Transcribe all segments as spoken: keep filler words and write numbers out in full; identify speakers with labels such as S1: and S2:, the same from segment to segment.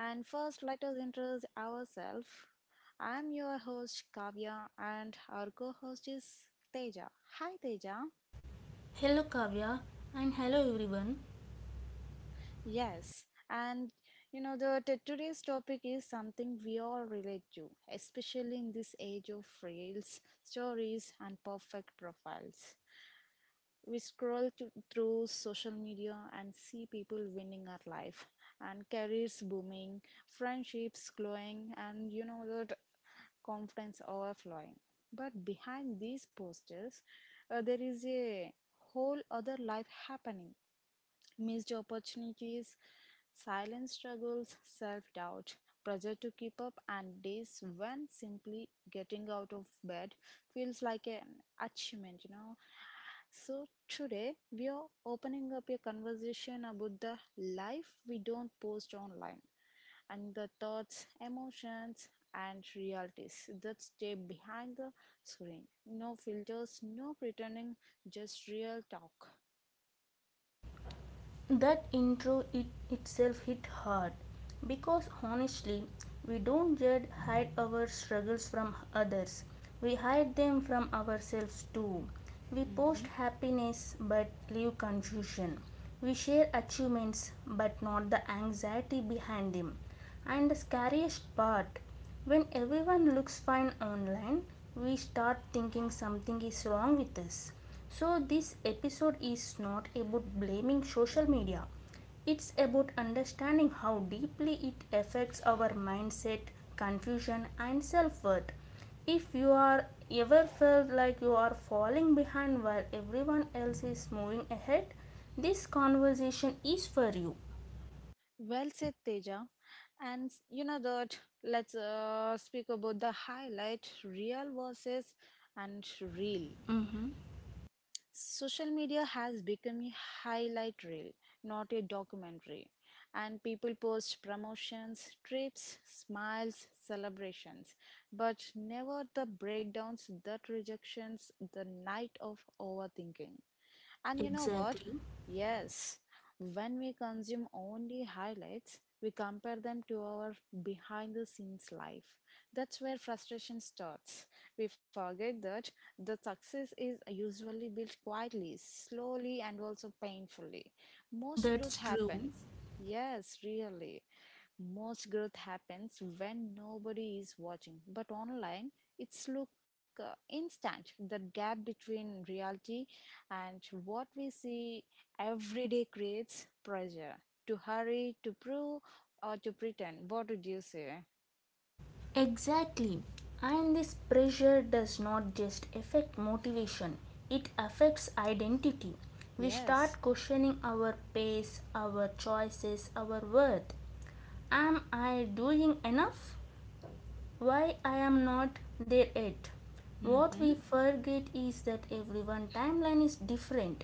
S1: And first, let us introduce ourselves. I'm your host Kavya and our co host is Teja. Hi Teja.
S2: Hello Kavya and hello everyone.
S1: Yes, and you know, the t- Today's topic is something we all relate to, especially in this age of reels, stories, and perfect profiles. We scroll to, through social media and see people winning our life and careers booming, friendships glowing, and you know that confidence overflowing. But behind these posters uh, there is a whole other life happening: missed opportunities, silent struggles, self-doubt, pressure to keep up, and days when simply getting out of bed feels like an achievement you know So, today we are opening up a conversation about the life we don't post online, and the thoughts, emotions, and realities that stay behind the screen. No filters, no pretending, just real talk.
S2: That intro it itself hit hard because honestly, we don't just hide our struggles from others. We hide them from ourselves too. We
S1: Hmm.
S2: post happiness but leave confusion. We share achievements but not the anxiety behind them. And the scariest part, when everyone looks fine online, we start thinking something is wrong with us. So this episode is not about blaming social media, it's about understanding how deeply it affects our mindset, confusion, and self worth. If you are ever felt like you are falling behind while everyone else is moving ahead, this conversation is for you.
S1: Well said, Teja. And you know that Let's uh, speak about the highlight real versus and real.
S2: Mm-hmm.
S1: Social media has become a highlight reel, not a documentary. And people post promotions, trips, smiles, celebrations, but never the breakdowns, that rejections, the night of overthinking. And you know what?
S2: Exactly.
S1: Yes, when we consume only highlights, we compare them to our behind the scenes life. That's where frustration starts. We forget that the success is usually built quietly, slowly, and also painfully. Most growth
S2: That's true.
S1: happens, yes, really. Most growth happens when nobody is watching. But online, it's look uh, instant. That gap between reality and what we see every day creates pressure to hurry, to prove, or to pretend. What would you say?
S2: Exactly. And this pressure does not just affect motivation, it affects identity. We
S1: Yes.
S2: start questioning our pace, our choices, our worth. Am I doing enough? Why I am not there yet? What
S1: Mm-hmm.
S2: we forget is that everyone timeline is different.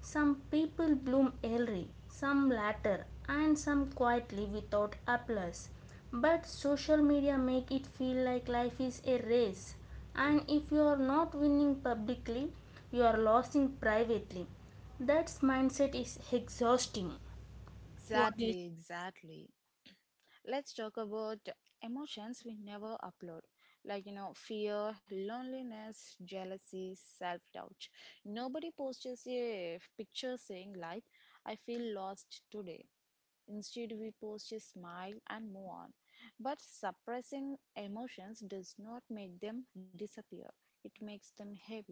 S2: Some people bloom early, some later, and some quietly without applause. But social media make it feel like life is a race, and if you are not winning publicly, you are losing privately. That mindset is exhausting.
S1: Exactly, exactly. Let's talk about emotions we never upload, like you know, fear, loneliness, jealousy, self doubt. Nobody posts a picture saying, like, I feel lost today. Instead, we pose a smile and move on. But suppressing emotions does not make them disappear, it makes them heavier.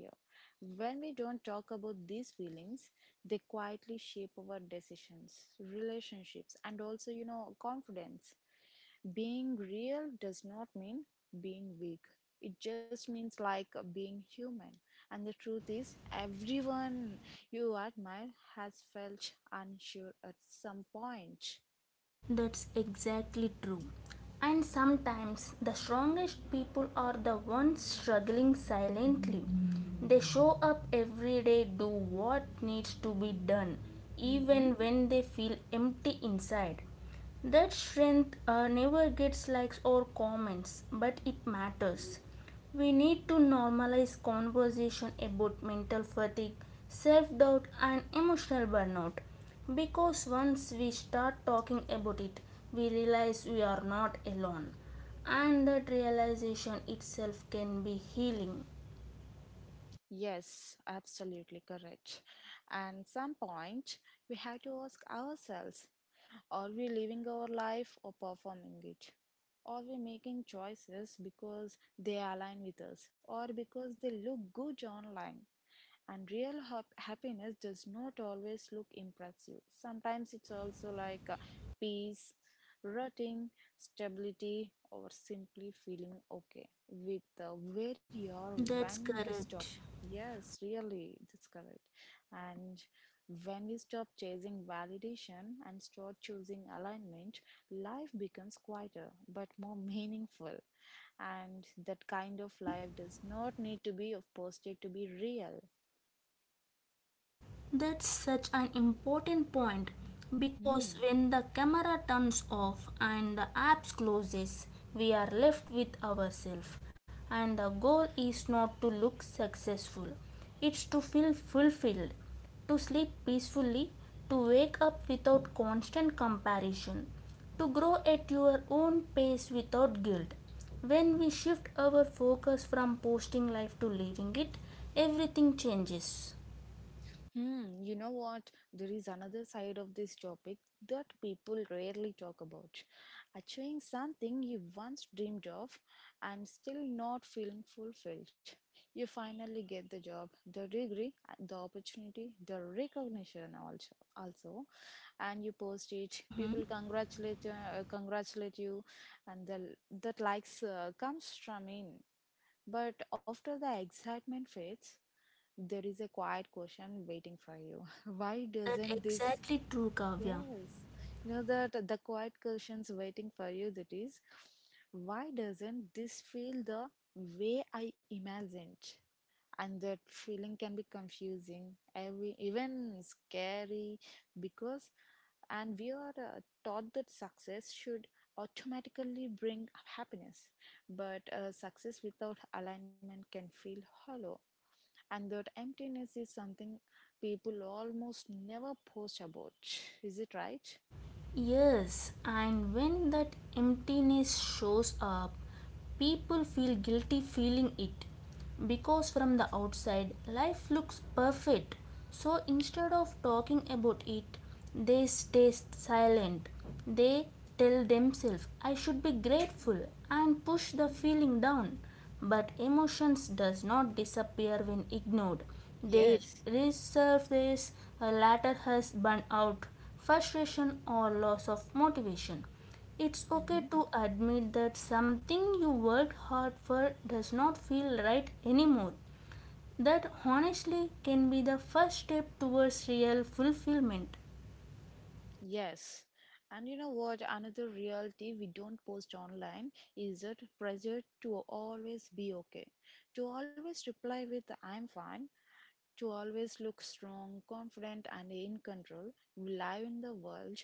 S1: When we don't talk about these feelings, they quietly shape our decisions, relationships, and also, you know, confidence. Being real does not mean being weak. It just means like being human. And the truth is, everyone you admire has felt unsure at some point.
S2: That's exactly true. And sometimes the strongest people are the ones struggling silently. They show up every day, do what needs to be done,
S1: Mm-hmm.
S2: even when they feel empty inside. That strength uh, never gets likes or comments, but it matters. We need to normalize conversation about mental fatigue, self doubt, and emotional burnout. Because once we start talking about it, we realize we are not alone. And that realization itself can be healing.
S1: Yes, absolutely correct. And some point we have to ask ourselves, are we living our life or performing it? Are we making choices because they align with us or because they look good online? And real hap- happiness does not always look impressive. Sometimes it's also like uh, peace, rooting, stability, or simply feeling okay with uh, where you are
S2: That's
S1: when we stop.
S2: correct.
S1: Yes, really, that's correct. And when we stop chasing validation and start choosing alignment, life becomes quieter but more meaningful, and that kind of life does not need to be of posted to be real.
S2: That's such an important point because
S1: Hmm.
S2: when the camera turns off and the apps closes, we are left with ourselves. And the goal is not to look successful, it's to feel fulfilled, to sleep peacefully, to wake up without constant comparison, to grow at your own pace without guilt. When we shift our focus from posting life to living it, everything changes.
S1: Hmm. You know what? There is another side of this topic that people rarely talk about. Achieving something you once dreamed of and still not feeling fulfilled. You finally get the job, the degree, the opportunity, the recognition also. Also, and you post it.
S2: Mhm.
S1: People congratulate uh, congratulate you, and the that likes uh, comes from in. But after the excitement fades, there is a quiet question waiting for you. Why
S2: That
S1: doesn't this?
S2: exactly true, Kavya.
S1: Yes, you know that the quiet questions waiting for you. That is, why doesn't this feel the way I imagined? And that feeling can be confusing, every even scary, because and we are uh, taught that success should automatically bring happiness, but uh, success without alignment can feel hollow, and that emptiness is something people almost never post about. Is it right?
S2: Yes, and when that emptiness shows up, people feel guilty feeling it because from the outside life looks perfect. So instead of talking about it, they stay silent. They tell themselves, I should be grateful, and push the feeling down. But emotions does not disappear when ignored. They
S1: Yes.
S2: resurface, a latter has burnout, frustration or loss of motivation. It's okay
S1: Mm-hmm.
S2: to admit that something you worked hard for does not feel right anymore. That honestly can be the first step towards real fulfillment.
S1: Yes, and you know what, another reality we don't post online is that pressure to always be okay, to always reply with I'm fine, to always look strong, confident, and in control. We live in the world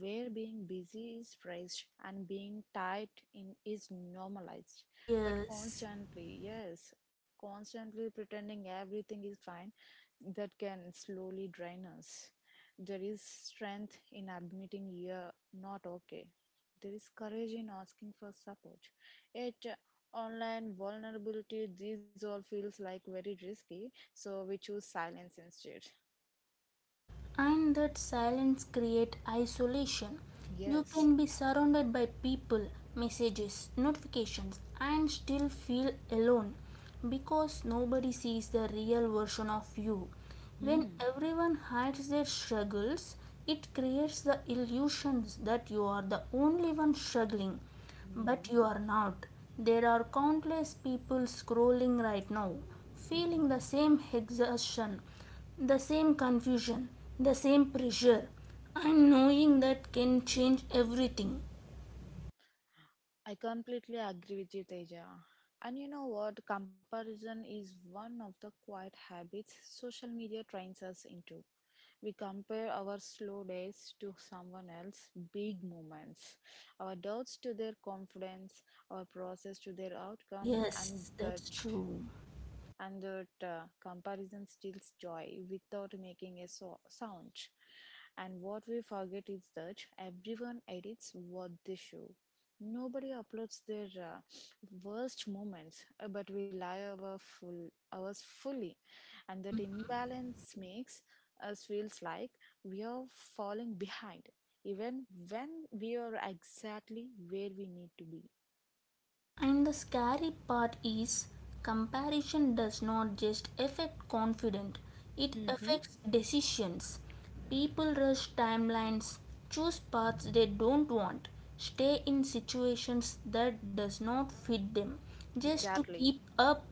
S1: where being busy is praised and being tight in is normalized. But
S2: Yes.
S1: constantly, yes, constantly pretending everything is fine, that can slowly drain us. There is strength in admitting you're not okay. There is courage in asking for support. Yet, uh, Online vulnerability, these all feels like very risky, so we choose silence instead.
S2: And that silence create isolation. You
S1: Yes.
S2: can be surrounded by people, messages, notifications, and still feel alone because nobody sees the real version of you. When
S1: Hmm.
S2: everyone hides their struggles, it creates the illusions that you are the only one struggling, but
S1: Hmm.
S2: you are not. There are countless people scrolling right now, feeling the same exhaustion, the same confusion, the same pressure, and knowing that can change everything.
S1: I completely agree with you, Teja. And you know what? Comparison is one of the quiet habits social media trains us into. We compare our slow days to someone else's big moments, our doubts to their confidence, our process to their outcome, and
S2: Yes,
S1: that
S2: that's true.
S1: and that uh, comparison steals joy without making a so- sound. And what we forget is that everyone edits what they show. Nobody uploads their uh, worst moments, uh, but we lie our full ours fully, and that
S2: Mm.
S1: imbalance makes us feels like we are falling behind, even when we are exactly where we need to be.
S2: And the scary part is comparison does not just affect confidence, it
S1: Mm-hmm.
S2: affects decisions. People rush timelines, choose paths they don't want, stay in situations that does not fit them just to
S1: Exactly.
S2: keep up.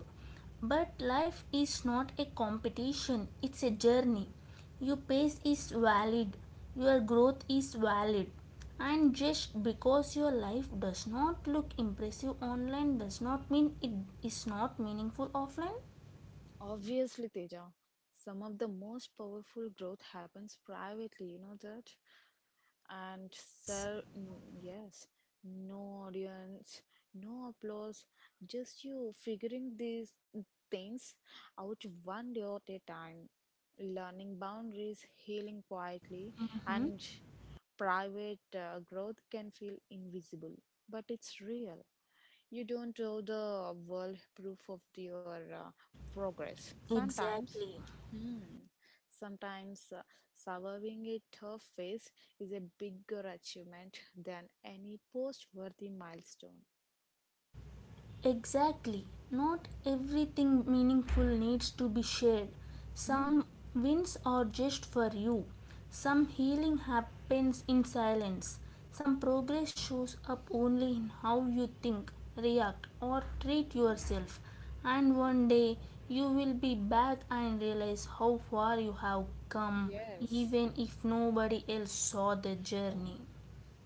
S2: But life is not a competition, it's a journey. Your pace is valid, your growth is valid. And just because your life does not look impressive online does not mean it is not meaningful offline.
S1: Obviously, Teja, some of the most powerful growth happens privately, you know that? And sell, mm, yes, no audience, no applause, just you figuring these things out one day at a time, learning boundaries, healing quietly,
S2: Mhm.
S1: and private uh, growth can feel invisible, but it's real. You don't owe the world proof of your uh, progress. Sometimes.
S2: Exactly.
S1: Hmm. Sometimes uh, surviving a tough phase is a bigger achievement than any post worthy milestone.
S2: Exactly. Not everything meaningful needs to be shared.
S1: Hmm.
S2: Some wins are just for you. Some healing happens in silence. Some progress shows up only in how you think, react, or treat yourself. And one day you will be back and realize how far you have come,
S1: Yes,
S2: even if nobody else saw the journey.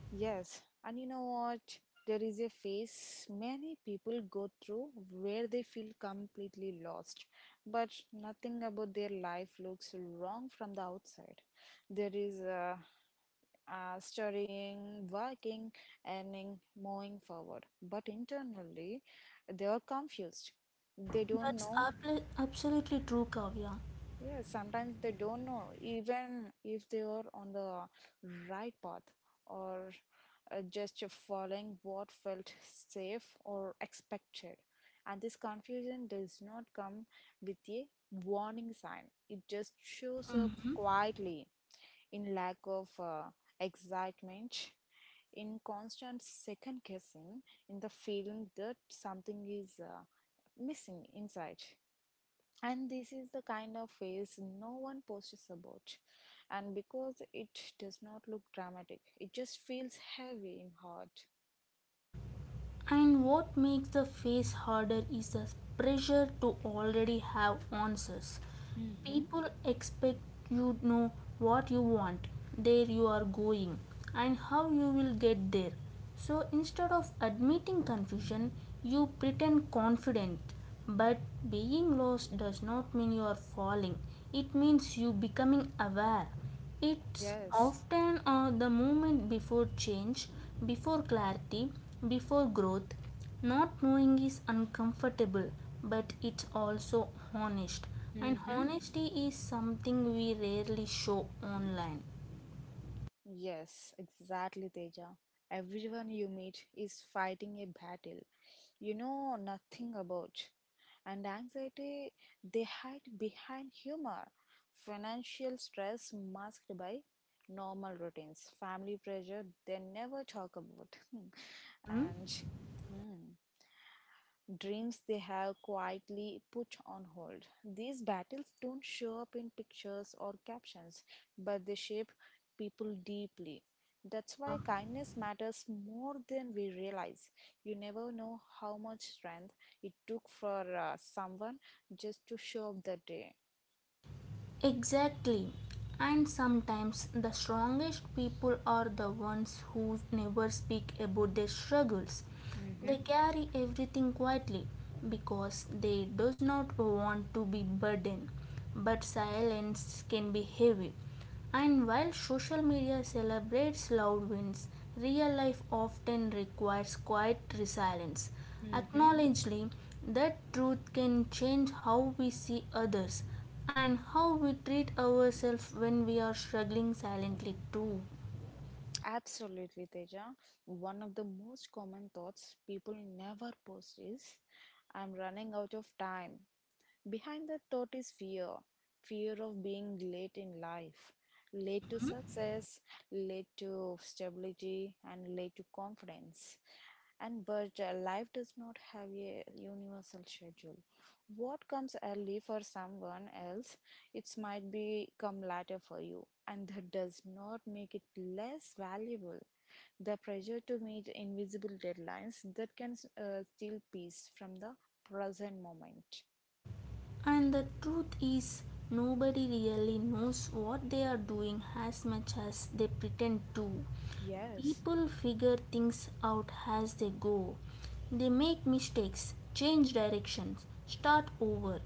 S1: yes. And you know what? There is a phase many people go through where they feel completely lost, but nothing about their life looks wrong from the outside. There is uh, uh, studying, working, earning, moving forward. But internally, they are confused. They don't
S2: That's
S1: know.
S2: abl- absolutely true, Kavya.
S1: Yeah, sometimes they don't know even if they are on the right path or uh, just following what felt safe or expected. And this confusion does not come with a warning sign. It just shows up
S2: Mhm.
S1: quietly, in lack of uh, excitement, in constant second guessing, in the feeling that something is uh, missing inside. And this is the kind of phase no one posts about, and because it does not look dramatic, it just feels heavy in heart.
S2: And what makes the face harder is the pressure to already have answers.
S1: Mm-hmm.
S2: People expect you to know what you want, where you are going, and how you will get there. So instead of admitting confusion, you pretend confident. But being lost does not mean you are falling. It means you becoming aware. It's
S1: Yes.
S2: often uh, the moment before change, before clarity, before growth. Not knowing is uncomfortable, but it's also honest. And
S1: Mm-hmm.
S2: honesty is something we rarely show online.
S1: Yes, exactly, Teja. Everyone you meet is fighting a battle you know nothing about. And anxiety they hide behind humor, financial stress masked by normal routines, family pressure they never talk about.
S2: Mhm.
S1: And hmm, dreams they have quietly put on hold. These battles don't show up in pictures or captions, but they shape people deeply. That's why kindness matters more than we realize. You never know how much strength it took for uh, someone just to show up that day.
S2: Exactly. And sometimes the strongest people are the ones who never speak about their struggles. They
S1: Mm-hmm.
S2: carry everything quietly because they does not want to be burdened. But silence can be heavy. And while social media celebrates loud wins, real life often requires quiet resilience.
S1: Mm-hmm.
S2: Acknowledging that truth can change how we see others and how we treat ourselves when we are struggling silently too.
S1: Absolutely, Teja. One of the most common thoughts people never post is I'm running out of time. Behind that thought is fear, fear of being late in life, late to success, late to stability, and late to confidence. And but uh, life does not have a universal schedule. What comes early for someone else it might be come later for you, and that does not make it less valuable. The pressure to meet invisible deadlines that can uh, steal peace from the present moment.
S2: And the truth is, nobody really knows what they are doing as much as they pretend to.
S1: Yes.
S2: People figure things out as they go. They make mistakes, change directions, start over.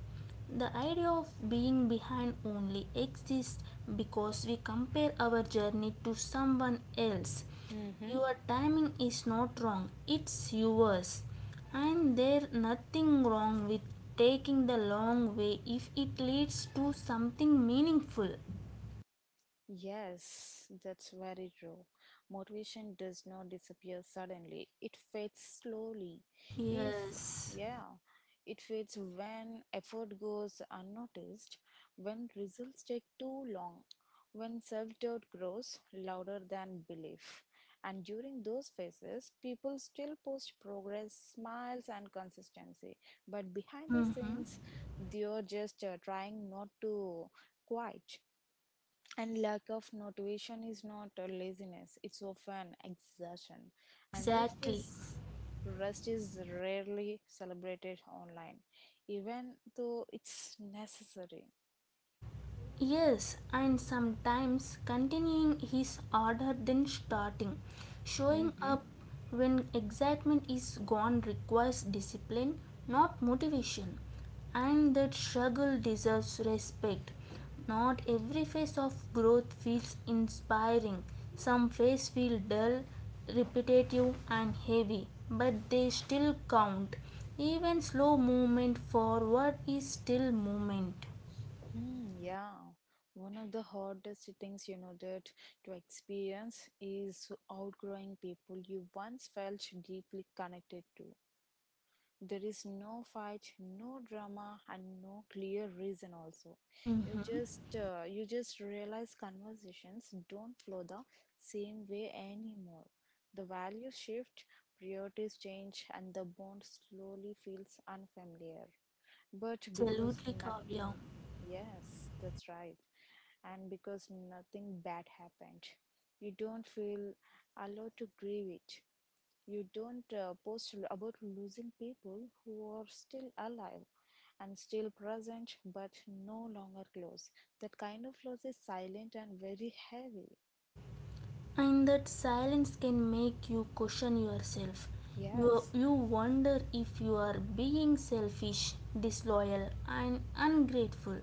S2: The idea of being behind only exists because we compare our journey to someone else.
S1: Hmm.
S2: Your timing is not wrong, it's yours. And there nothing wrong with taking the long way if it leads to something meaningful.
S1: Yes, that's very true. Motivation does not disappear suddenly. It fades slowly. If,
S2: Yes.
S1: yeah, it fades when effort goes unnoticed, when results take too long, when self doubt grows louder than belief. And during those phases, people still post progress, smiles, and consistency. But behind the
S2: Mm-hmm.
S1: scenes, they're just uh, trying not to quit, and lack of motivation is not a laziness, it's often exhaustion. And rest
S2: Exactly.
S1: is rest is rarely celebrated online, even though it's necessary.
S2: Yes, and sometimes continuing his order than starting. Showing
S1: Mm-hmm.
S2: up when excitement is gone requires discipline, not motivation. And that struggle deserves respect. Not every phase of growth feels inspiring. Some phases feel dull, repetitive, and heavy, but they still count. Even slow movement forward is still movement.
S1: Hmm, yeah. One of the hardest things you know that to experience is outgrowing people you once felt deeply connected to. There is no fight, no drama, and no clear reason. Also, you
S2: Mhm.
S1: just uh, you just realize conversations don't flow the same way anymore. The values shift, priorities change, and the bond slowly feels unfamiliar. But because
S2: Absolutely, Kavya.
S1: nothing, yes, that's right, and because nothing bad happened, you don't feel allowed to grieve it. You don't uh, post l- about losing people who are still alive and still present but no longer close. That kind of loss is silent and very heavy.
S2: And that silence can make you question yourself. You,
S1: Yes.
S2: you wonder if you are being selfish, disloyal, and ungrateful.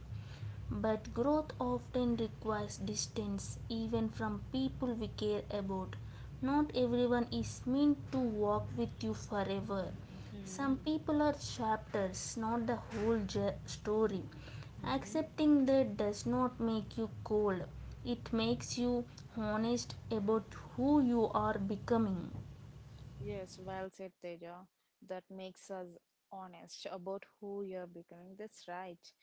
S2: But growth often requires distance, even from people we care about. Not everyone is meant to walk with you forever. Some
S1: Mm-hmm.
S2: people are chapters, not the whole story.
S1: Mm-hmm.
S2: Accepting that does not make you cold, it makes you honest about who you are becoming.
S1: Yes, well said, Teja. That makes us honest about who you're becoming. That's right.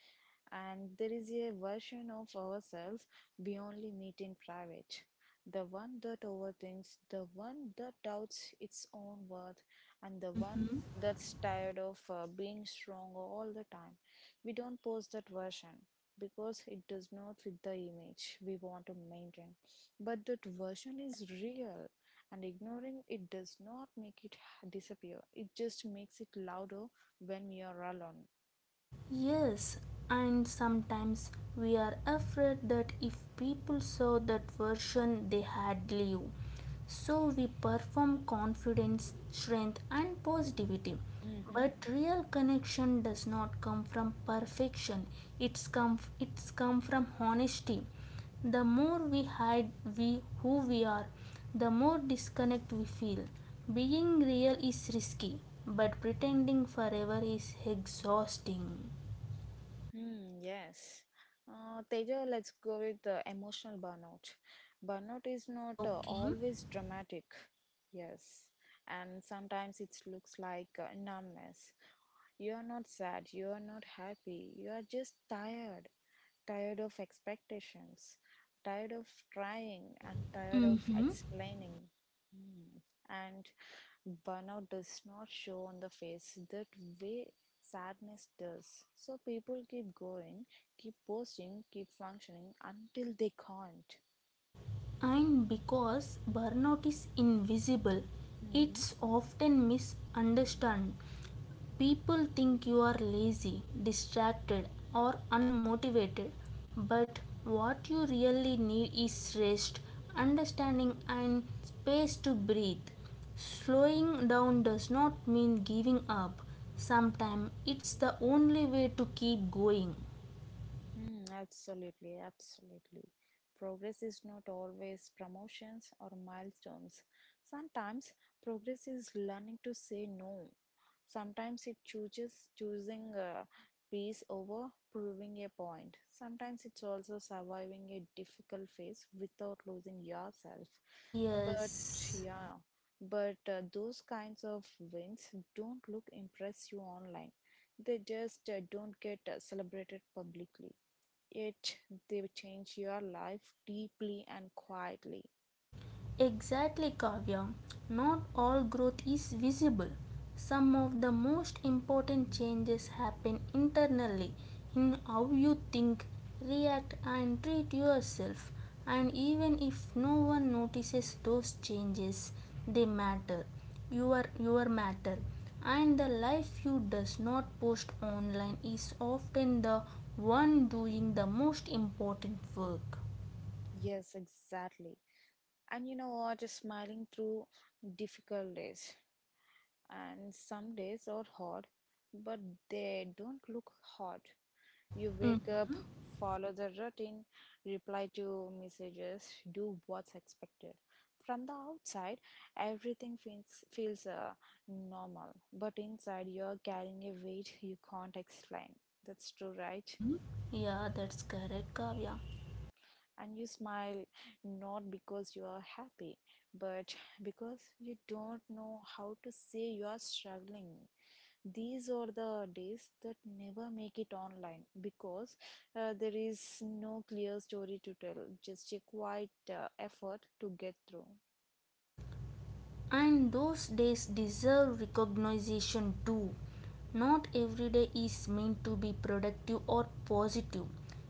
S1: And there is a version of ourselves we only meet in private. The one that overthinks, the one that doubts its own worth, and the one
S2: Mm-hmm.
S1: that's tired of uh, being strong all the time. We don't post that version because it does not fit the image we want to maintain. But that version is real, and ignoring it does not make it disappear, it just makes it louder when we are alone.
S2: Yes, and sometimes we are afraid that if people saw that version, they had leave. So we perform confidence, strength, and positivity.
S1: Hmm.
S2: But real connection does not come from perfection. It's come it's come from honesty. The more we hide we who we are, the more disconnect we feel. Being real is risky, but pretending forever is exhausting.
S1: Hmm, yes. Uh, Teja, let's go with uh, emotional burnout. Burnout is not uh,
S2: Joking.
S1: always dramatic. Yes. And sometimes it looks like uh, numbness. You are not sad, you are not happy, you are just tired. Tired of expectations, tired of trying, and tired of
S2: Mm-hmm.
S1: explaining, and burnout does not show on the face that way sadness does. So people keep going, keep posting, keep functioning until they can't.
S2: And because burnout is invisible,
S1: hmm
S2: it's often misunderstood. People think you are lazy, distracted, or unmotivated, but what you really need is rest, understanding, and space to breathe. Slowing down does not mean giving up. Sometimes it's the only way to keep going.
S1: Hmm, absolutely, absolutely. Progress is not always promotions or milestones. Sometimes progress is learning to say no. Sometimes it chooses choosing uh, peace over proving a point. Sometimes it's also surviving a difficult phase without losing yourself. But
S2: Yes.
S1: yeah, but uh, those kinds of wins don't look impress you online. They just uh, don't get uh, celebrated publicly. It They change your life deeply and quietly.
S2: Exactly, Kavya. Not all growth is visible. Some of the most important changes happen internally in how you think, react, and treat yourself. And even if no one notices those changes, they matter. You Your, your matter. And the life you does not post online is often the one doing the most important work.
S1: Yes, exactly. And you know what? Smiling through difficult days, and some days are hard, but they don't look hard. You
S2: Mm.
S1: wake up, follow the routine, reply to messages, do what's expected. From the outside, everything feels feels uh, normal, but inside you're carrying a weight you can't explain. That's true, right?
S2: Mm-hmm. Yeah, that's correct, Kavya.
S1: And you smile not because you are happy but because you don't know how to say you are struggling. These are the days that never make it online because uh, there is no clear story to tell, just a quiet uh, effort to get through.
S2: And those days deserve recognition too. Not every day is meant to be productive or positive.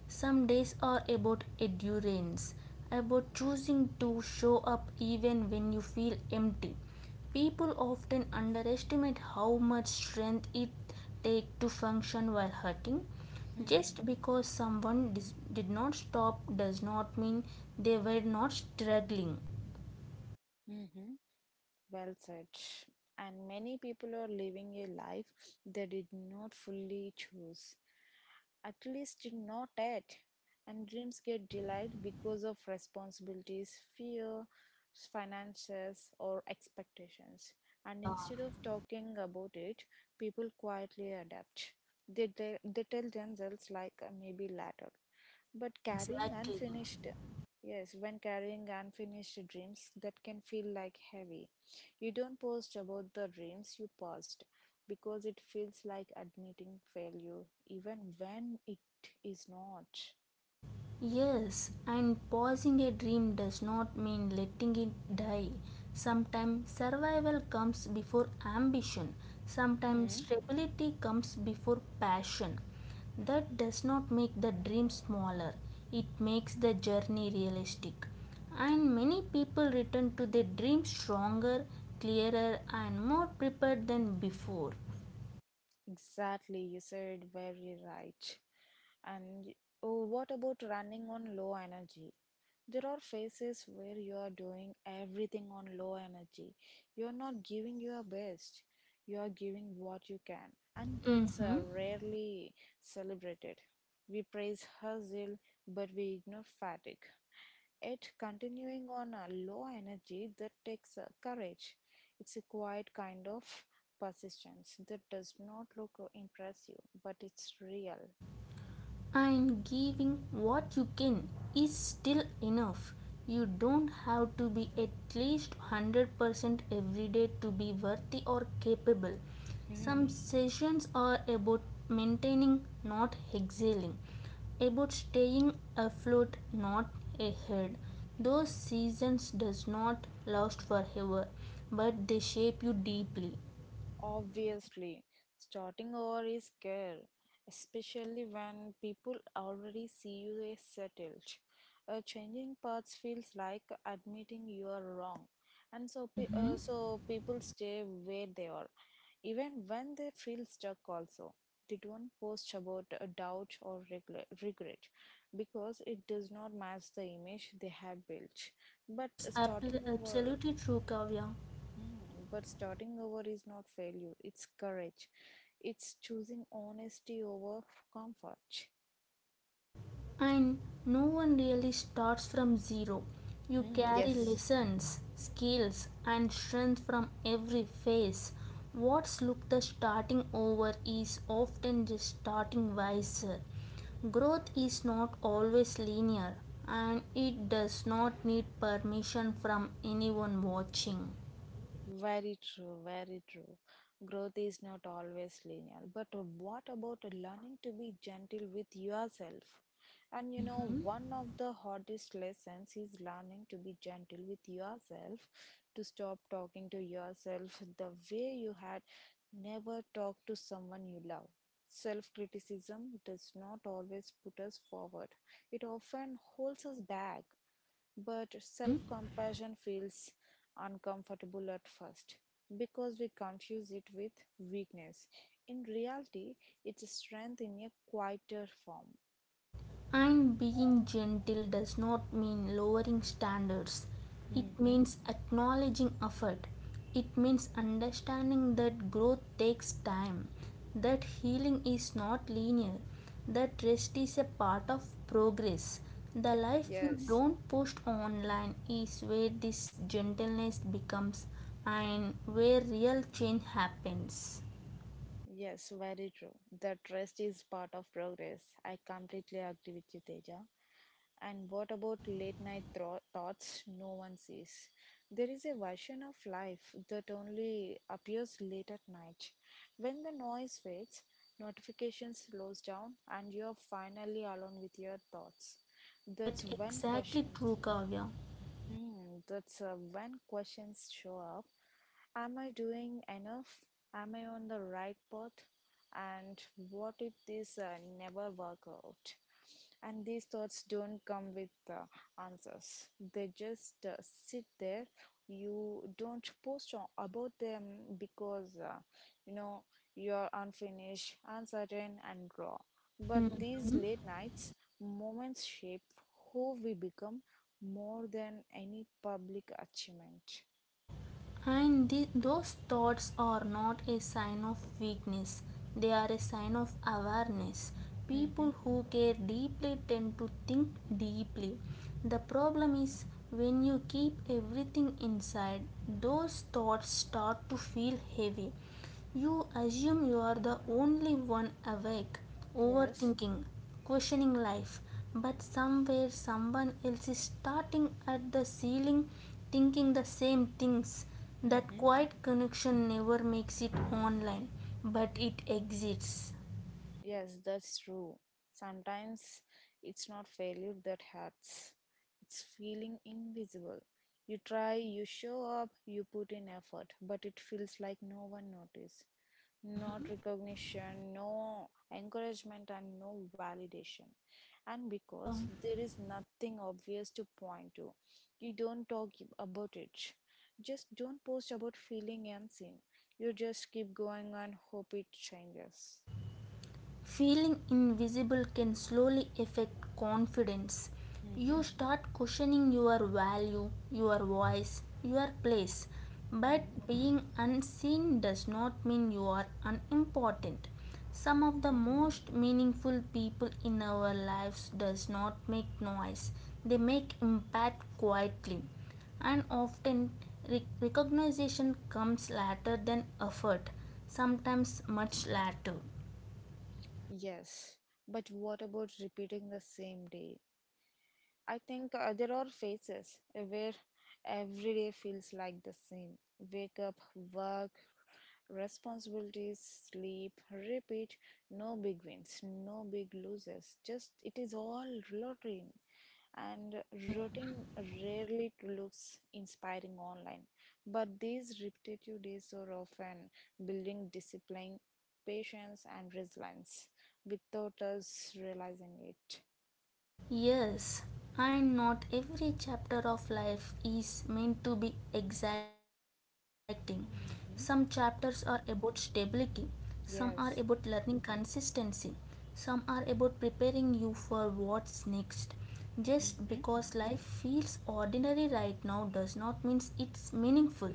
S2: Some days are about endurance, about choosing to show up even when you feel empty. People often underestimate how much strength it takes to function while hurting.
S1: Hmm.
S2: Just because someone dis- did not stop does not mean they were not struggling.
S1: Mm-hmm. Well said. And many people are living a life they did not fully choose, at least not yet. And dreams get delayed because of responsibilities, fear, finances, or expectations. And
S2: Yeah,
S1: instead of talking about it, people quietly adapt. They, they, they tell themselves, like, "Uh, maybe later." But carrying
S2: exactly.
S1: unfinished, yes, when carrying unfinished dreams, that can feel like heavy. You don't post about the dreams you passed because it feels like admitting failure, even when it is not.
S2: Yes, and pausing a dream does not mean letting it die. Sometimes survival comes before ambition, sometimes
S1: Hmm,
S2: stability comes before passion. That does not make the dream smaller, it makes the journey realistic. And many people return to their dream stronger, clearer, and more prepared than before.
S1: exactly, you said very right. And y- oh, what about running on low energy? There are phases where you are doing everything on low energy. You are not giving your best. You are giving what you can, and that's
S2: Mm-hmm.
S1: uh, rarely celebrated. We praise hustle, but we ignore fatigue. Yet, continuing on a low energy, that takes uh, courage. It's a quiet kind of persistence that does not look impressive, but it's real.
S2: And giving what you can is still enough. You don't have to be at least one hundred percent every day to be worthy or capable. Some
S1: Hmm.
S2: sessions are about maintaining, not exhaling, about staying afloat, not ahead. Those seasons does not last forever, but they shape you deeply.
S1: Obviously, starting over is scary, especially when people already see you as settled. Uh, changing paths feels like admitting you are wrong, and so pe-
S2: Mm-hmm.
S1: uh, so people stay where they are, even when they feel stuck. Also, they don't post about a doubt or regla- regret because it does not match the image they have built. But
S2: That's ab-
S1: starting over.
S2: absolutely true, Kavya.
S1: Hmm, but starting over is not failure, it's courage. It's choosing honesty over comfort.
S2: And no one really starts from zero. You
S1: Hmm,
S2: carry
S1: yes.
S2: lessons, skills, and strength from every phase. What's looked as starting over is often just starting wiser. Growth is not always linear, and it does not need permission from anyone watching.
S1: Very true, very true. Growth is not always linear, but what about learning to be gentle with yourself? And you know,
S2: Mhm.
S1: one of the hardest lessons is learning to be gentle with yourself, to stop talking to yourself the way you had never talked to someone you love. Self criticism does not always put us forward, it often holds us back. But self compassion feels uncomfortable at first because we confuse it with weakness. In reality, it's a strength in a quieter form.
S2: And being gentle does not mean lowering standards. It
S1: Mm-hmm.
S2: means acknowledging effort. It means understanding that growth takes time, that healing is not linear, that rest is a part of progress. The life you
S1: Yes,
S2: don't post online is where this gentleness becomes and where real change happens.
S1: yes, very true. That rest is part of progress. I completely agree with you, Teja. And what about late night thro- thoughts no one sees? There is a version of life that only appears late at night. When the noise fades, notification slows down, and you're finally alone with your thoughts. That's
S2: That
S1: when
S2: exactly
S1: questions.
S2: true, Kavya.
S1: Hmm, that's uh, when questions show up. Am I doing enough? Am I on the right path? And what if this uh, never work out? And these thoughts don't come with uh, answers. They just uh, sit there. You don't post on, about them because uh, you know you're unfinished, uncertain, and raw.
S2: Mm.
S1: But these late nights, moments shape who we become more than any public achievement.
S2: And the, those thoughts are not a sign of weakness, they are a sign of awareness.
S1: Mm-hmm.
S2: People who care deeply tend to think deeply. The problem is when you keep everything inside, those thoughts start to feel heavy. You assume you are the only one awake,
S1: Yes.
S2: overthinking, questioning life, but somewhere someone else is starting at the ceiling thinking the same things. That quiet connection never makes it online, but it exists.
S1: Yes, that's true. Sometimes it's not failure that hurts, it's feeling invisible. You try, you show up, you put in effort, but it feels like no one noticed. Not
S2: Mhm.
S1: recognition, no encouragement, and no validation. And
S2: Yeah.
S1: because there is nothing obvious to point to, you don't talk about it. Just don't post about feeling unseen. You just keep going and hope it changes.
S2: Feeling invisible can slowly affect confidence. You
S1: Mhm.
S2: start questioning your value, your voice, your place. But being unseen does not mean you are unimportant. Some of the
S1: Mm-hmm.
S2: most meaningful people in our lives does not make noise. They make impact quietly and often re- recognition comes later than effort, sometimes much later.
S1: Yes, but what about repeating the same day? I think uh, there are phases where every day feels like the same. Wake up, work, responsibilities, sleep, repeat. No big wins, no big losses. Just it is all routine. And routine rarely looks inspiring online. But these repetitive days are often building discipline, patience, and resilience without us realizing it.
S2: Yes, and not every chapter of life is meant to be exacting. Some chapters are
S1: Mhm.
S2: about stability, some are about learning
S1: Yes.
S2: consistency, some are about preparing you for what's next. Just
S1: Mm-hmm.
S2: because life feels ordinary right now does not mean it's meaningful.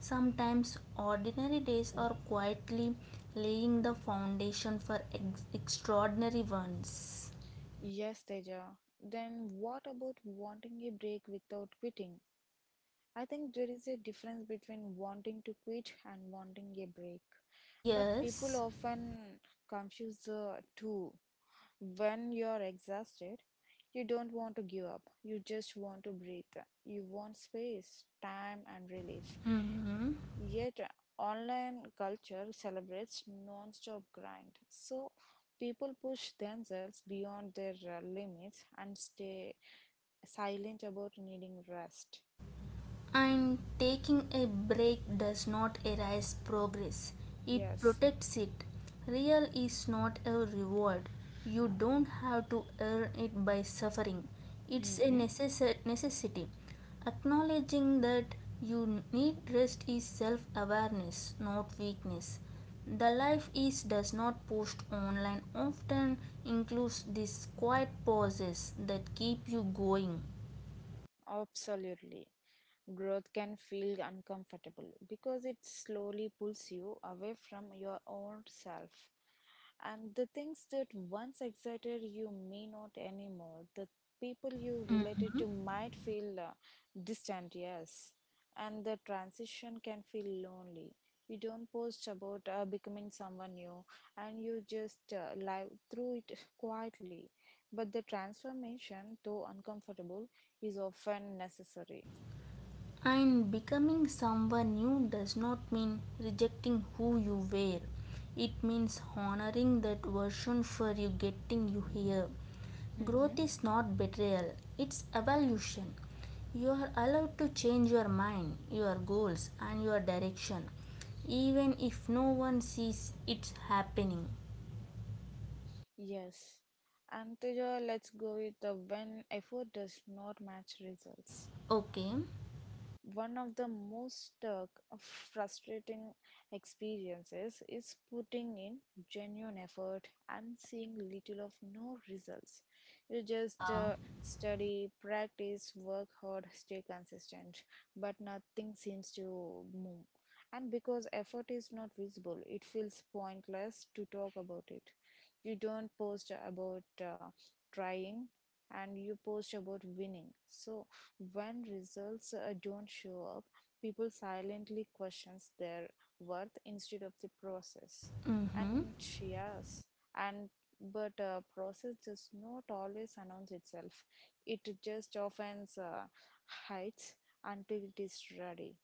S2: Sometimes ordinary days are quietly laying the foundation for ex- extraordinary ones.
S1: Yes, Teja. Then what about wanting a break without quitting? I think there is a difference between wanting to quit and wanting a break. But people
S2: Yes.
S1: often confuse the two. When you're exhausted, you don't want to give up. You just want to breathe. You want space, time, and relief.
S2: Mhm.
S1: Yet, online culture celebrates non-stop grind. So, people push themselves beyond their uh, limits and stay silent about needing rest.
S2: And taking a break does not erase progress, it
S1: Yes.
S2: protects it. Real is not a reward. You don't have to earn it by suffering, it's a
S1: Mm-hmm.
S2: necess- necessity. Acknowledging that you need rest is self awareness, not weakness. The life is does not post online often includes these quiet pauses that keep you going.
S1: Absolutely. Growth can feel uncomfortable because it slowly pulls you away from your own self. And the things that once excited you may not anymore. The people you related
S2: Mhm.
S1: to might feel uh, distant, yes. And the transition can feel lonely. You don't post about uh, becoming someone new, and you just uh, live through it quietly. But the transformation, though uncomfortable, is often necessary.
S2: And becoming someone new does not mean rejecting who you were. It means honoring that version for you getting you here.
S1: Mm-hmm.
S2: Growth is not betrayal, it's evolution. You are allowed to change your mind, your goals, and your direction, even if no one sees it happening.
S1: Yes. And Teja, let's go with the when effort does not match results.
S2: Okay?
S1: One of the most uh, frustrating experiences is putting in genuine effort and seeing little of no results. You just
S2: Yeah.
S1: uh, study, practice, work hard, stay consistent, but nothing seems to move. And because effort is not visible, it feels pointless to talk about it. You don't post about uh, trying, and you post about winning. So when results uh, don't show up, people silently questions their worth instead of the process.
S2: Mm
S1: And
S2: hmm.
S1: yes, and but uh, process does not always announce itself. It just often uh, hides until it is ready.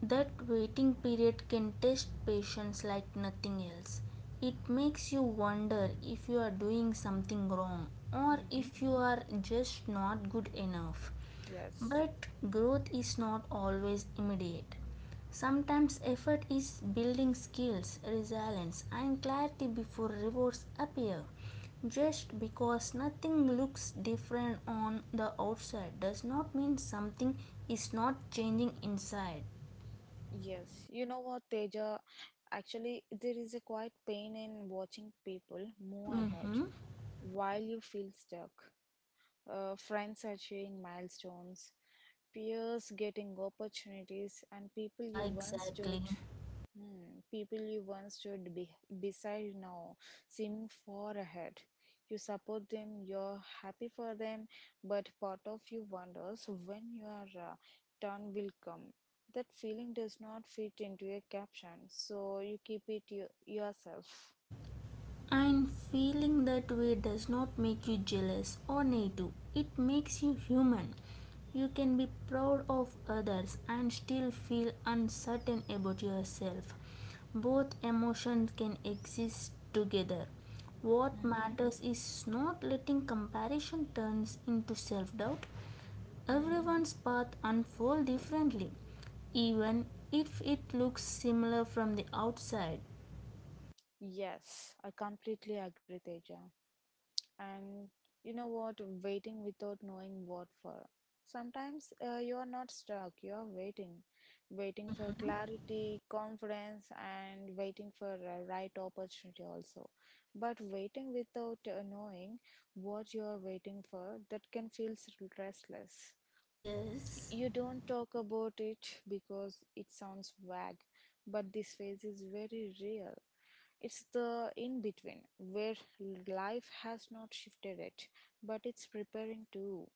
S2: That waiting period can test patience like nothing else. It makes you wonder if you are doing something wrong or
S1: Mm-hmm.
S2: if you are just not good enough.
S1: Yes,
S2: But growth is not always immediate. Sometimes effort is building skills, resilience, and clarity before rewards appear. Just because nothing looks different on the outside does not mean something is not changing inside.
S1: yes. You know what, Teja? Actually, there is a quiet pain in watching people move ahead
S2: Mm-hmm.
S1: while you feel stuck. Uh, friends achieving milestones, peers getting opportunities, and people
S2: Yeah,
S1: you once stood.
S2: exactly.
S1: Hmm, people you once stood be- beside now seem far ahead. You support them, you're happy for them, but part of you wonders when your uh, turn will come. That feeling does not fit into a caption, so you keep it you- yourself.
S2: And feeling that way does not make you jealous or native, it makes you human. You can be proud of others and still feel uncertain about yourself. Both emotions can exist together. What
S1: Mhm.
S2: matters is not letting comparison turn into self-doubt.
S1: Mhm.
S2: Everyone's path unfolds differently, even if it looks similar from the outside.
S1: Yes, I completely agree, Teja. And you know what, waiting without knowing what for. Sometimes uh, you are not stuck, you are waiting. Waiting for
S2: Mm.
S1: clarity, confidence, and waiting for a right opportunity also. But waiting without uh, knowing what you are waiting for, that can feel s- restless.
S2: Yes.
S1: You don't talk about it because it sounds vague, but this phase is very real. It's the in between where life has not shifted it, but it's preparing to.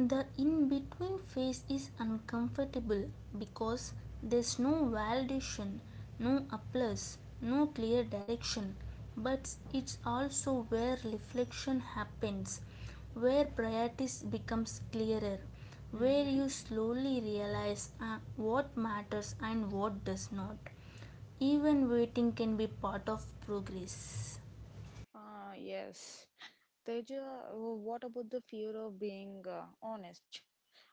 S2: The in between phase is uncomfortable because there's no validation, no applause, no clear direction, but it's also where reflection happens, where priorities becomes clearer, where
S1: Hmm.
S2: you slowly realize uh, what matters and what does not. Even waiting can be part of progress.
S1: Ah, yes. Teja, uh, what about the fear of being uh, honest?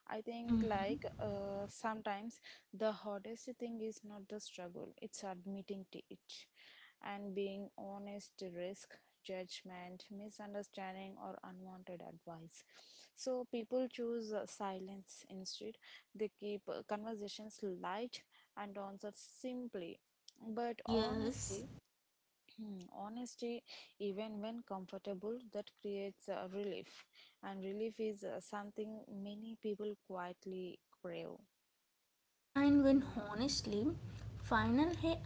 S1: I think, like, uh, sometimes the hardest thing is not the struggle, it's admitting to it. And being honest to risk judgment, misunderstanding, or unwanted advice. So people choose uh, silence instead. They keep uh, conversations light and answer simply. But
S2: Yes.
S1: honesty, honesty, even when comfortable, that creates uh, relief, and relief is uh, something many people quietly crave.
S2: And when
S1: Yeah.
S2: honestly, final hey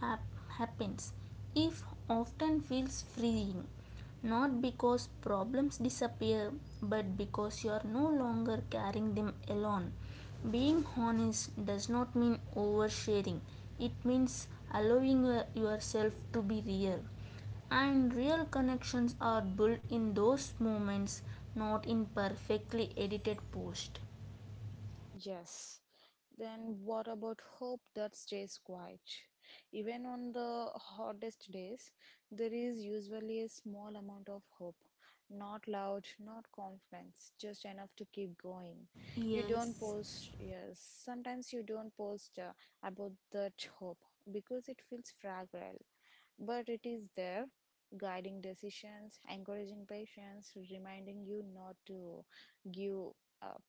S2: happens, if often feels freeing, not because problems disappear, but because you are no longer carrying them alone. Being honest does not mean oversharing, it means allowing uh, yourself to be real. And real connections are built in those moments, not in perfectly edited posts.
S1: Yes. Then what about hope that stays quiet? Even on the hottest days, there is usually a small amount of hope. Not loud, not confidence, just enough to keep going. You don't
S2: Yes.
S1: post, yes, sometimes you don't post uh, about that hope because it feels fragile, but it is there, guiding decisions, encouraging patience, reminding you not to give up.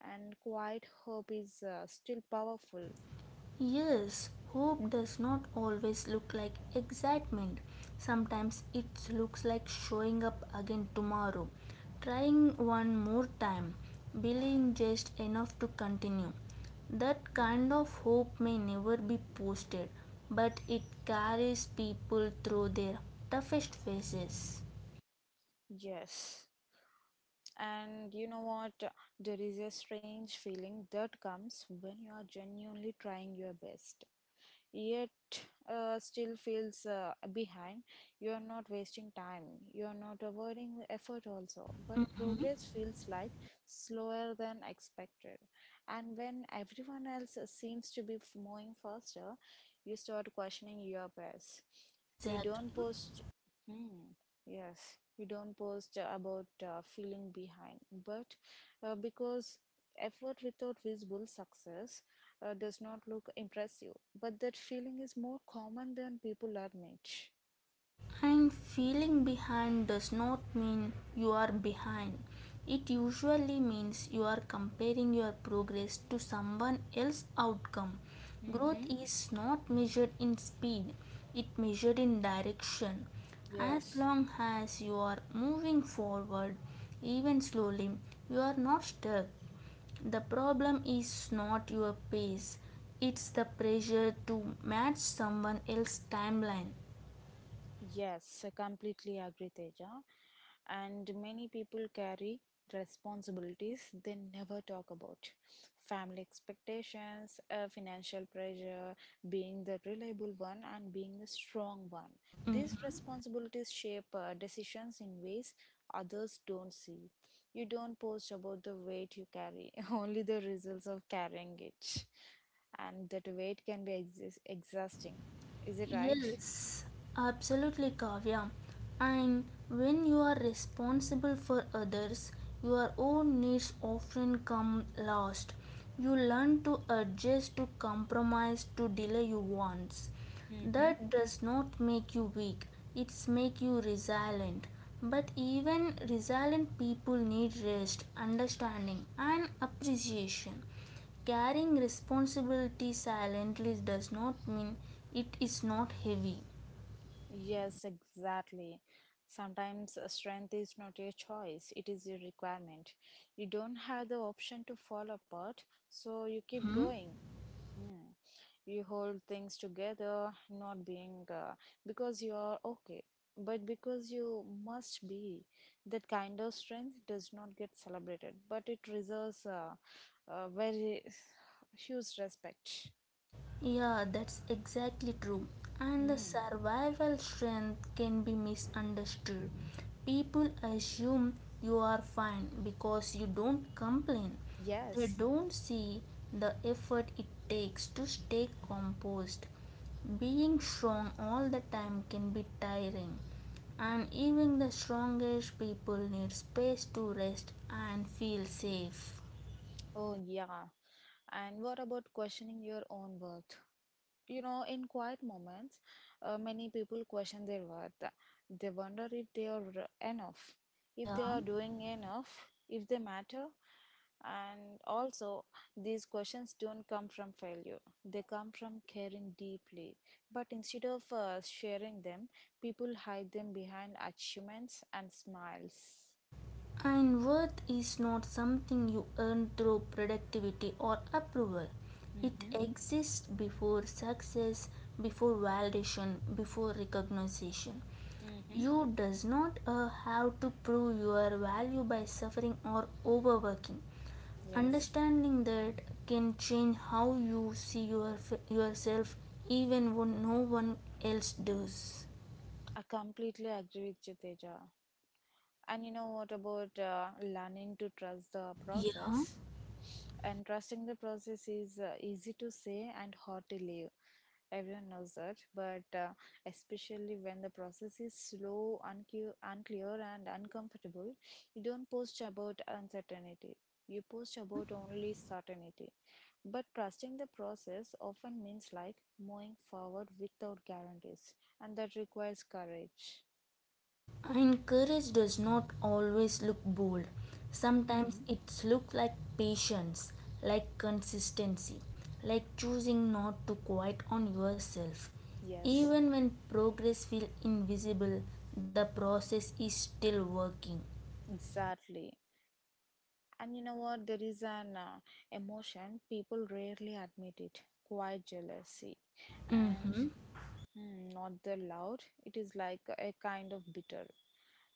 S1: And quiet hope is uh, still powerful.
S2: Yes, hope does not always look like excitement. Sometimes it looks like showing up again tomorrow, trying one more time, believing just enough to continue. That kind of hope may never be posted, but it carries people through their toughest phases.
S1: Yes. And you know what? There is a strange feeling that comes when you are genuinely trying your best, yet uh, still feels uh, behind. You are not wasting time. You are not avoiding the effort also. But progress feels like slower than expected. And when everyone else seems to be f- moving faster, you start questioning your pace. You don't
S2: Exactly.
S1: post. Hmm, yes. You don't post about uh, feeling behind, but uh, because effort without visible success uh, does not look impressive, but that feeling is more common than people admit.
S2: And feeling behind does not mean you are behind. It usually means you are comparing your progress to someone else's outcome.
S1: Mm-hmm.
S2: Growth is not measured in speed, it measured in direction. As
S1: Yes.
S2: long as you are moving forward, even slowly, you are not stuck. The problem is not your pace, it's the pressure to match someone else's timeline.
S1: Yes, I completely agree, Teja. And many people carry responsibilities they never talk about, family expectations, uh, financial pressure, being the reliable one, and being the strong one. These
S2: Mhm.
S1: responsibilities shape uh, decisions in ways others don't see. You don't post about the weight you carry, only the results of carrying it. And that weight can be exis- exhausting. Is it right?
S2: Yes, absolutely, Kavya. And when you are responsible for others, your own needs often come last. You learn to adjust, to compromise, to delay your wants.
S1: Mhm.
S2: That does not make you weak, it's make you resilient. But even resilient people need rest, understanding, and appreciation. Carrying responsibility silently does not mean it is not heavy.
S1: Yes, exactly. Sometimes uh, strength is not your choice, it is your requirement. You don't have the option to fall apart, so you keep
S2: Hmm?
S1: going. Hmm. You hold things together, not being uh, because you are okay, but because you must be. That kind of strength does not get celebrated, but it deserves uh, a very huge respect.
S2: Yeah, that's exactly true. And the
S1: Hmm.
S2: survival strength can be misunderstood. People assume you are fine because you don't complain. They
S1: Yes.
S2: don't see the effort it takes to stay composed. Being strong all the time can be tiring, and even the strongest people need space to rest and feel safe.
S1: Oh, yeah. And what about questioning your own worth? You know, in quiet moments, uh, many people question their worth. They wonder if they are enough, if they
S2: Yeah.
S1: are doing enough, if they matter. And also, these questions don't come from failure, they come from caring deeply. But instead of uh, sharing them, people hide them behind achievements and smiles.
S2: And worth is not something you earn through productivity or approval. It
S1: Mm-hmm.
S2: exists before success, before validation, before recognition.
S1: Mm-hmm.
S2: You does not uh, have to prove your value by suffering or overworking.
S1: Yes,
S2: Understanding that can change how you see your, yourself even when no one else does.
S1: I completely agree with you, Teja. And you know what about uh, learning to trust the
S2: Yeah.
S1: process? And trusting the process is uh, easy to say and hard to live. Everyone knows that, but uh, especially when the process is slow, uncu- unclear, and uncomfortable, you don't post about uncertainty. You post about only certainty. But trusting the process often means like moving forward without guarantees, and that requires courage.
S2: And courage does not always look bold. Sometimes
S1: Hmm.
S2: it looks like patience, like consistency, like choosing not to quit on yourself.
S1: Yes,
S2: Even when progress feels invisible, the process is still working.
S1: exactly. And you know what? There is an uh, emotion people rarely admit it quiet jealousy. And
S2: Mm-hmm.
S1: hmm, not the loud, it is like a kind of bitter.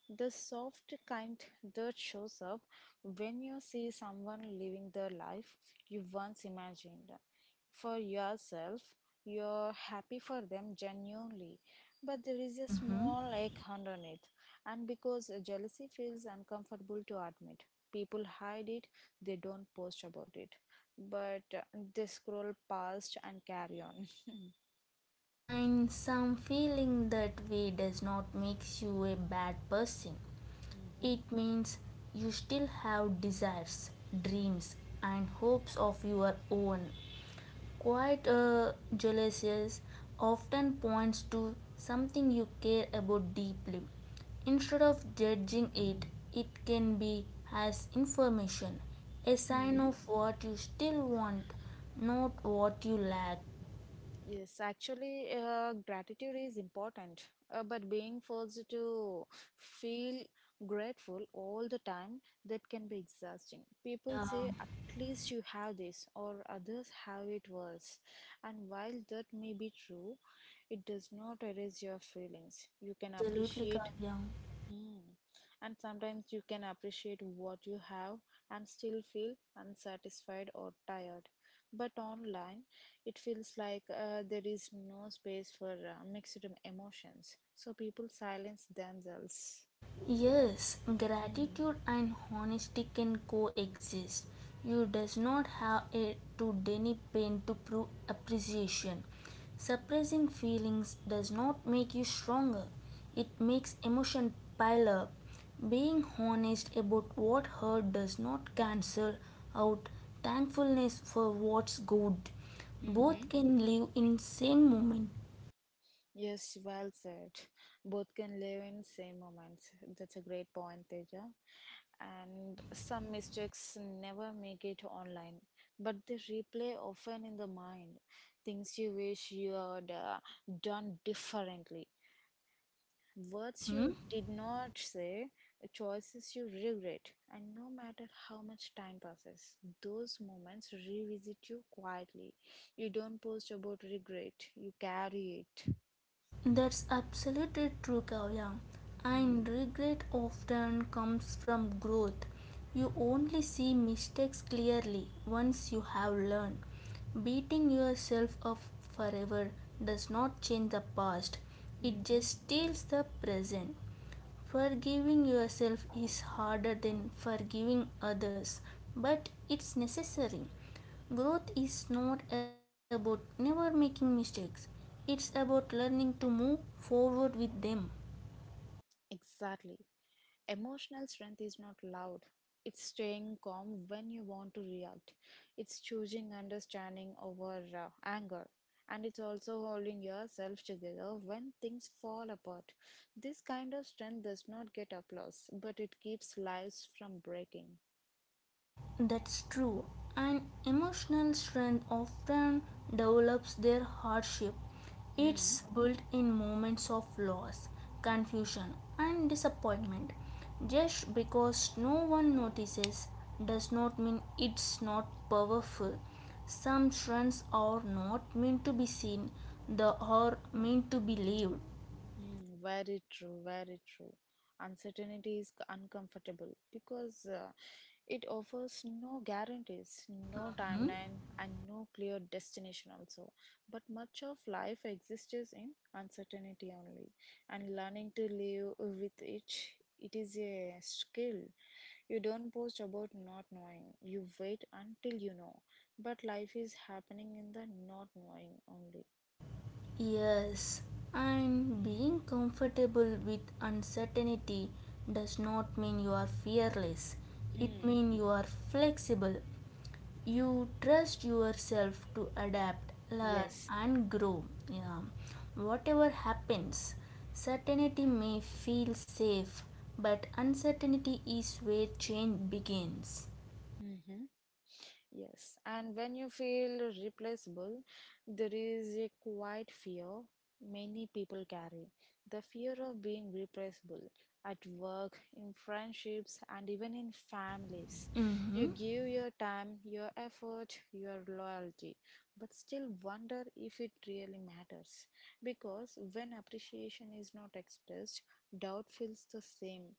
S1: The soft, kind dirt shows up when you see someone living the life you once imagined. For yourself, you're happy for them genuinely, but there is a
S2: Mm-hmm.
S1: small ache underneath. And because jealousy feels uncomfortable to admit, people hide it, they don't post about it, but uh, they scroll past and carry on.
S2: And some feeling that way does not makes you a bad person, it means you still have desires, dreams, and hopes of your own. Quite a jealousies often points to something you care about deeply. Instead of judging it, it can be as information, a sign
S1: Hmm.
S2: of what you still want, not what you lack.
S1: Yes, actually, uh, gratitude is important, uh, but being forced to feel grateful all the time that can be exhausting. People
S2: Yeah.
S1: say, at least you have this, or others have it worse. And while that may be true, it does not erase your feelings. You can
S2: Absolutely,
S1: appreciate.
S2: Kavya.
S1: Hmm. And sometimes you can appreciate what you have and still feel unsatisfied or tired. But online, it feels like uh, there is no space for uh, mixed emotions. So people silence themselves.
S2: Yes, gratitude and honesty can coexist. You does not have a to deny pain to prove appreciation. Suppressing feelings does not make you stronger. It makes emotion pile up. Being honest about what hurt does not cancel out thankfulness for what's good.
S1: Mm-hmm.
S2: Both can live in same moment.
S1: Yes, well said. Both can live in same moments. That's a great point, Teja.
S2: Huh?
S1: And some mistakes never make it online, but they replay often in the mind. Things you wish you had uh, done differently, words you
S2: Mhm.
S1: did not say, choices you regret, and no matter how much time passes, those moments revisit you quietly. You don't post about regret; you carry it.
S2: That's absolutely true, Kavya. And regret often comes from growth. You only see mistakes clearly once you have learned. Beating yourself up forever does not change the past, it
S1: Hmm.
S2: just steals the present. Forgiving yourself is harder than forgiving others, but it's necessary. Growth is not about never making mistakes, it's about learning to move forward with them.
S1: Exactly. Emotional strength is not loud. It's staying calm when you want to react. It's choosing understanding over uh, anger. And it's also holding yourself together when things fall apart. This kind of strength does not get applause, but it keeps lives from breaking.
S2: That's true. An emotional strength often develops their hardship. It's built in moments of loss, confusion, and disappointment. Just because no one notices does not mean it's not powerful. Some strengths are not meant to be seen, they are meant to be lived.
S1: Mm, very true, very true. Uncertainty is uncomfortable because uh, it offers no guarantees, no timeline, and no clear destination, also. But much of life exists in uncertainty only, and learning to live with it. It is a skill. You don't post about not knowing. You wait until you know. But life is happening in the not knowing only.
S2: Yes, and being comfortable with uncertainty does not mean you are fearless. It
S1: Hmm.
S2: means you are flexible. You trust yourself to adapt, learn,
S1: Yes.
S2: and grow. Yeah. Whatever happens, certainty may feel safe, but uncertainty is where change begins.
S1: Mm-hmm. Yes, and when you feel replaceable, there is a quiet fear many people carry the fear of being replaceable at work, in friendships, and even in families. You
S2: Mm-hmm.
S1: give your time, your effort, your loyalty, but still wonder if it really matters. Because when appreciation is not expressed, doubt feels the same.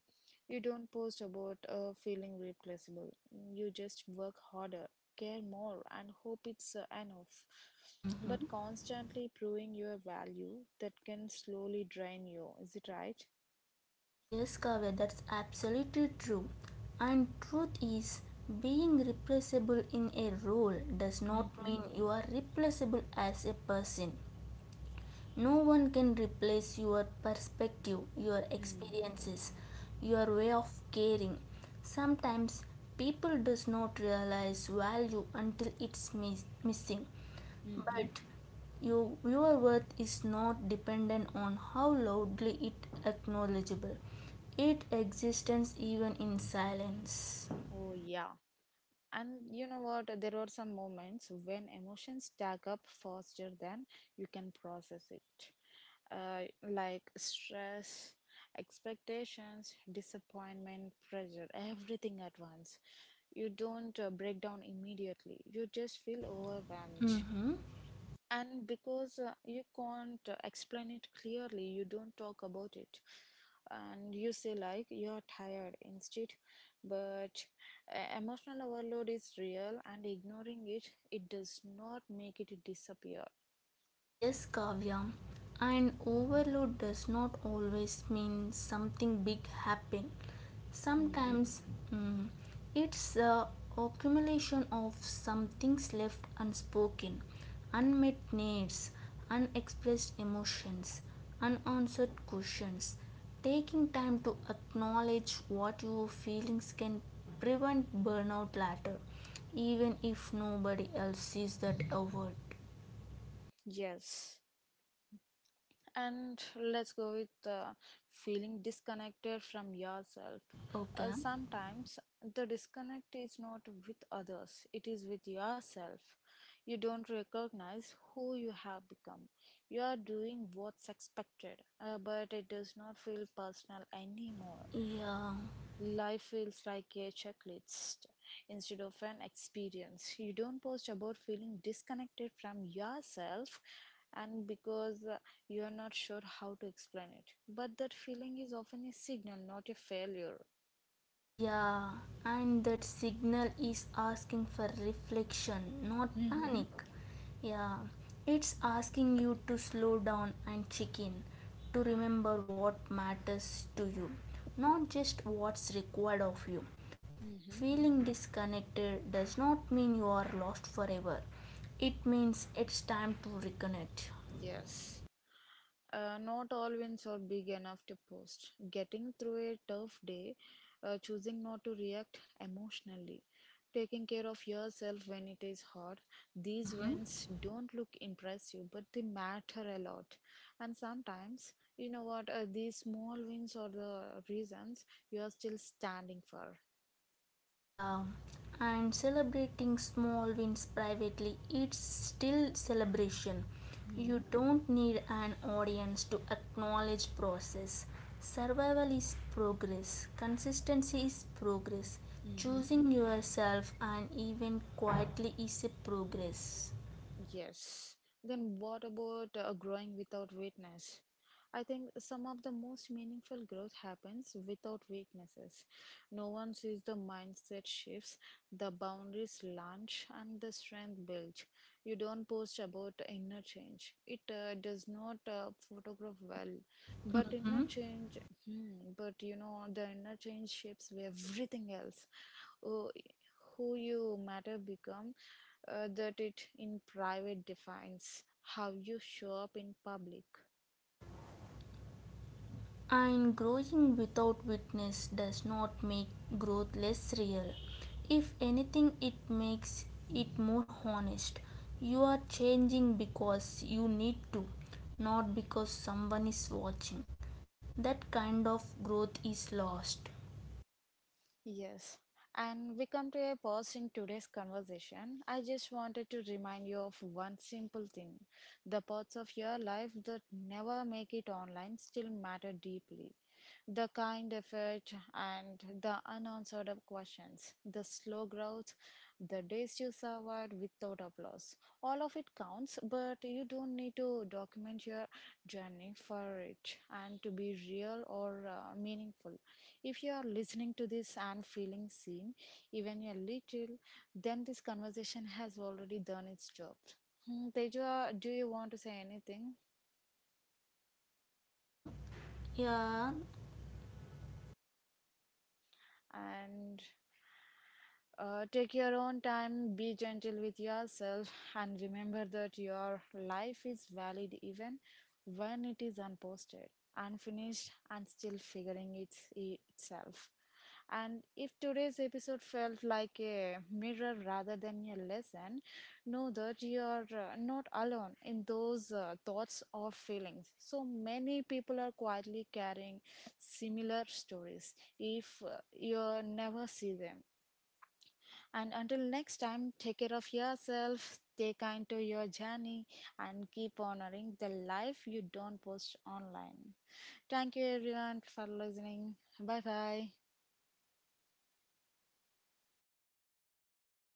S1: You don't post about uh, feeling replaceable, you just work harder care more and hope it's uh, enough.
S2: Mm-hmm.
S1: But constantly proving your value that can slowly drain you. Is it right?
S2: Yes, Kavya, that's absolutely true. And truth is, being replaceable in a role does not
S1: Mm-hmm.
S2: mean you are replaceable as a person. No one can replace your perspective, your experiences, your way of caring. Sometimes people does not realize value until it's mis- missing.
S1: Mm-hmm.
S2: But your, your worth is not dependent on how loudly it acknowledgeable. It exists even in silence.
S1: Oh, yeah. And you know what? There are some moments when emotions stack up faster than you can process it. Uh, like stress, expectations, disappointment, pressure, everything at once. You don't uh, break down immediately. You just feel overwhelmed.
S2: Mhm.
S1: And because uh, you can't uh, explain it clearly, you don't talk about it and you say like you're tired instead. But uh, emotional overload is real, and ignoring it it does not make it disappear.
S2: Yes, Kavya, and overload does not always mean something big happen.
S1: Hmm.
S2: Sometimes mm, it's the accumulation of some things left unspoken, unmet needs, unexpressed emotions, unanswered questions. Taking time to acknowledge what your feelings can prevent burnout later, even if nobody else sees that effort.
S1: Yes. And let's go with uh, feeling disconnected from yourself. Uh,
S2: Okay.
S1: sometimes the disconnect is not with others, it is with yourself. You don't recognize who you have become. You are doing what's expected, uh, but it does not feel personal anymore.
S2: Yeah,
S1: Life feels like a checklist instead of an experience. You don't post about feeling disconnected from yourself and because uh, you are not sure how to explain it. But that feeling is often a signal, not a failure.
S2: yeah, and that signal is asking for reflection, not
S1: Mm-hmm.
S2: panic. Yeah, it's asking you to slow down and check in, to remember what matters to you, not just what's required of you.
S1: Mm-hmm.
S2: Feeling disconnected does not mean you are lost forever, it means it's time to reconnect.
S1: Yes. Uh, not all wins are big enough to post. Getting through a tough day, uh, choosing not to react emotionally, taking care of yourself when it is hard. These
S2: Mhm.
S1: wins don't look impressive, but they matter a lot. And sometimes, you know what, uh, these small wins are the reasons you are still standing for.
S2: Yeah, and celebrating small wins privately, it's still celebration. You
S1: Hmm.
S2: don't need an audience to acknowledge process. Survival is progress, consistency is progress.
S1: Mm-hmm.
S2: Choosing yourself and even quietly is a progress.
S1: Yes. Then what about uh, growing without weakness? I think some of the most meaningful growth happens without weaknesses. No one sees the mindset shifts, the boundaries launch, and the strength built. You don't post about inner change. It uh, does not uh, photograph well, but inner
S2: Mhm.
S1: change. Hmm, but you know the inner change shapes everything else who, who you matter become uh, that it in private defines how you show up in public.
S2: And growing without witness does not make growth less real. If anything, it makes it more honest. You are changing because you need to, not because someone is watching. That kind of growth is lost.
S1: Yes. And we come to a pause in today's conversation. I just wanted to remind you of one simple thing. The parts of your life that never make it online still matter deeply. The kind effort and the unanswered questions, the slow growth, the days you survived without applause. All of it counts, but you don't need to document your journey for it and to be real or uh, meaningful. If you are listening to this and feeling seen, even a little, then this conversation has already done its job. Hmm, Teja, do you want to say anything?
S2: Uh, yeah,
S1: And Uh, take your own time, be gentle with yourself, and remember that your life is valid even when it is unposted, unfinished, and still figuring its, itself. And if today's episode felt like a mirror rather than a lesson, know that you are uh, not alone in those uh, thoughts or feelings. So many people are quietly carrying similar stories if uh, you never see them. And until next time, take care of yourself, stay kind to your journey, and keep honoring the life you don't post online. Thank you, everyone, for listening. Bye bye.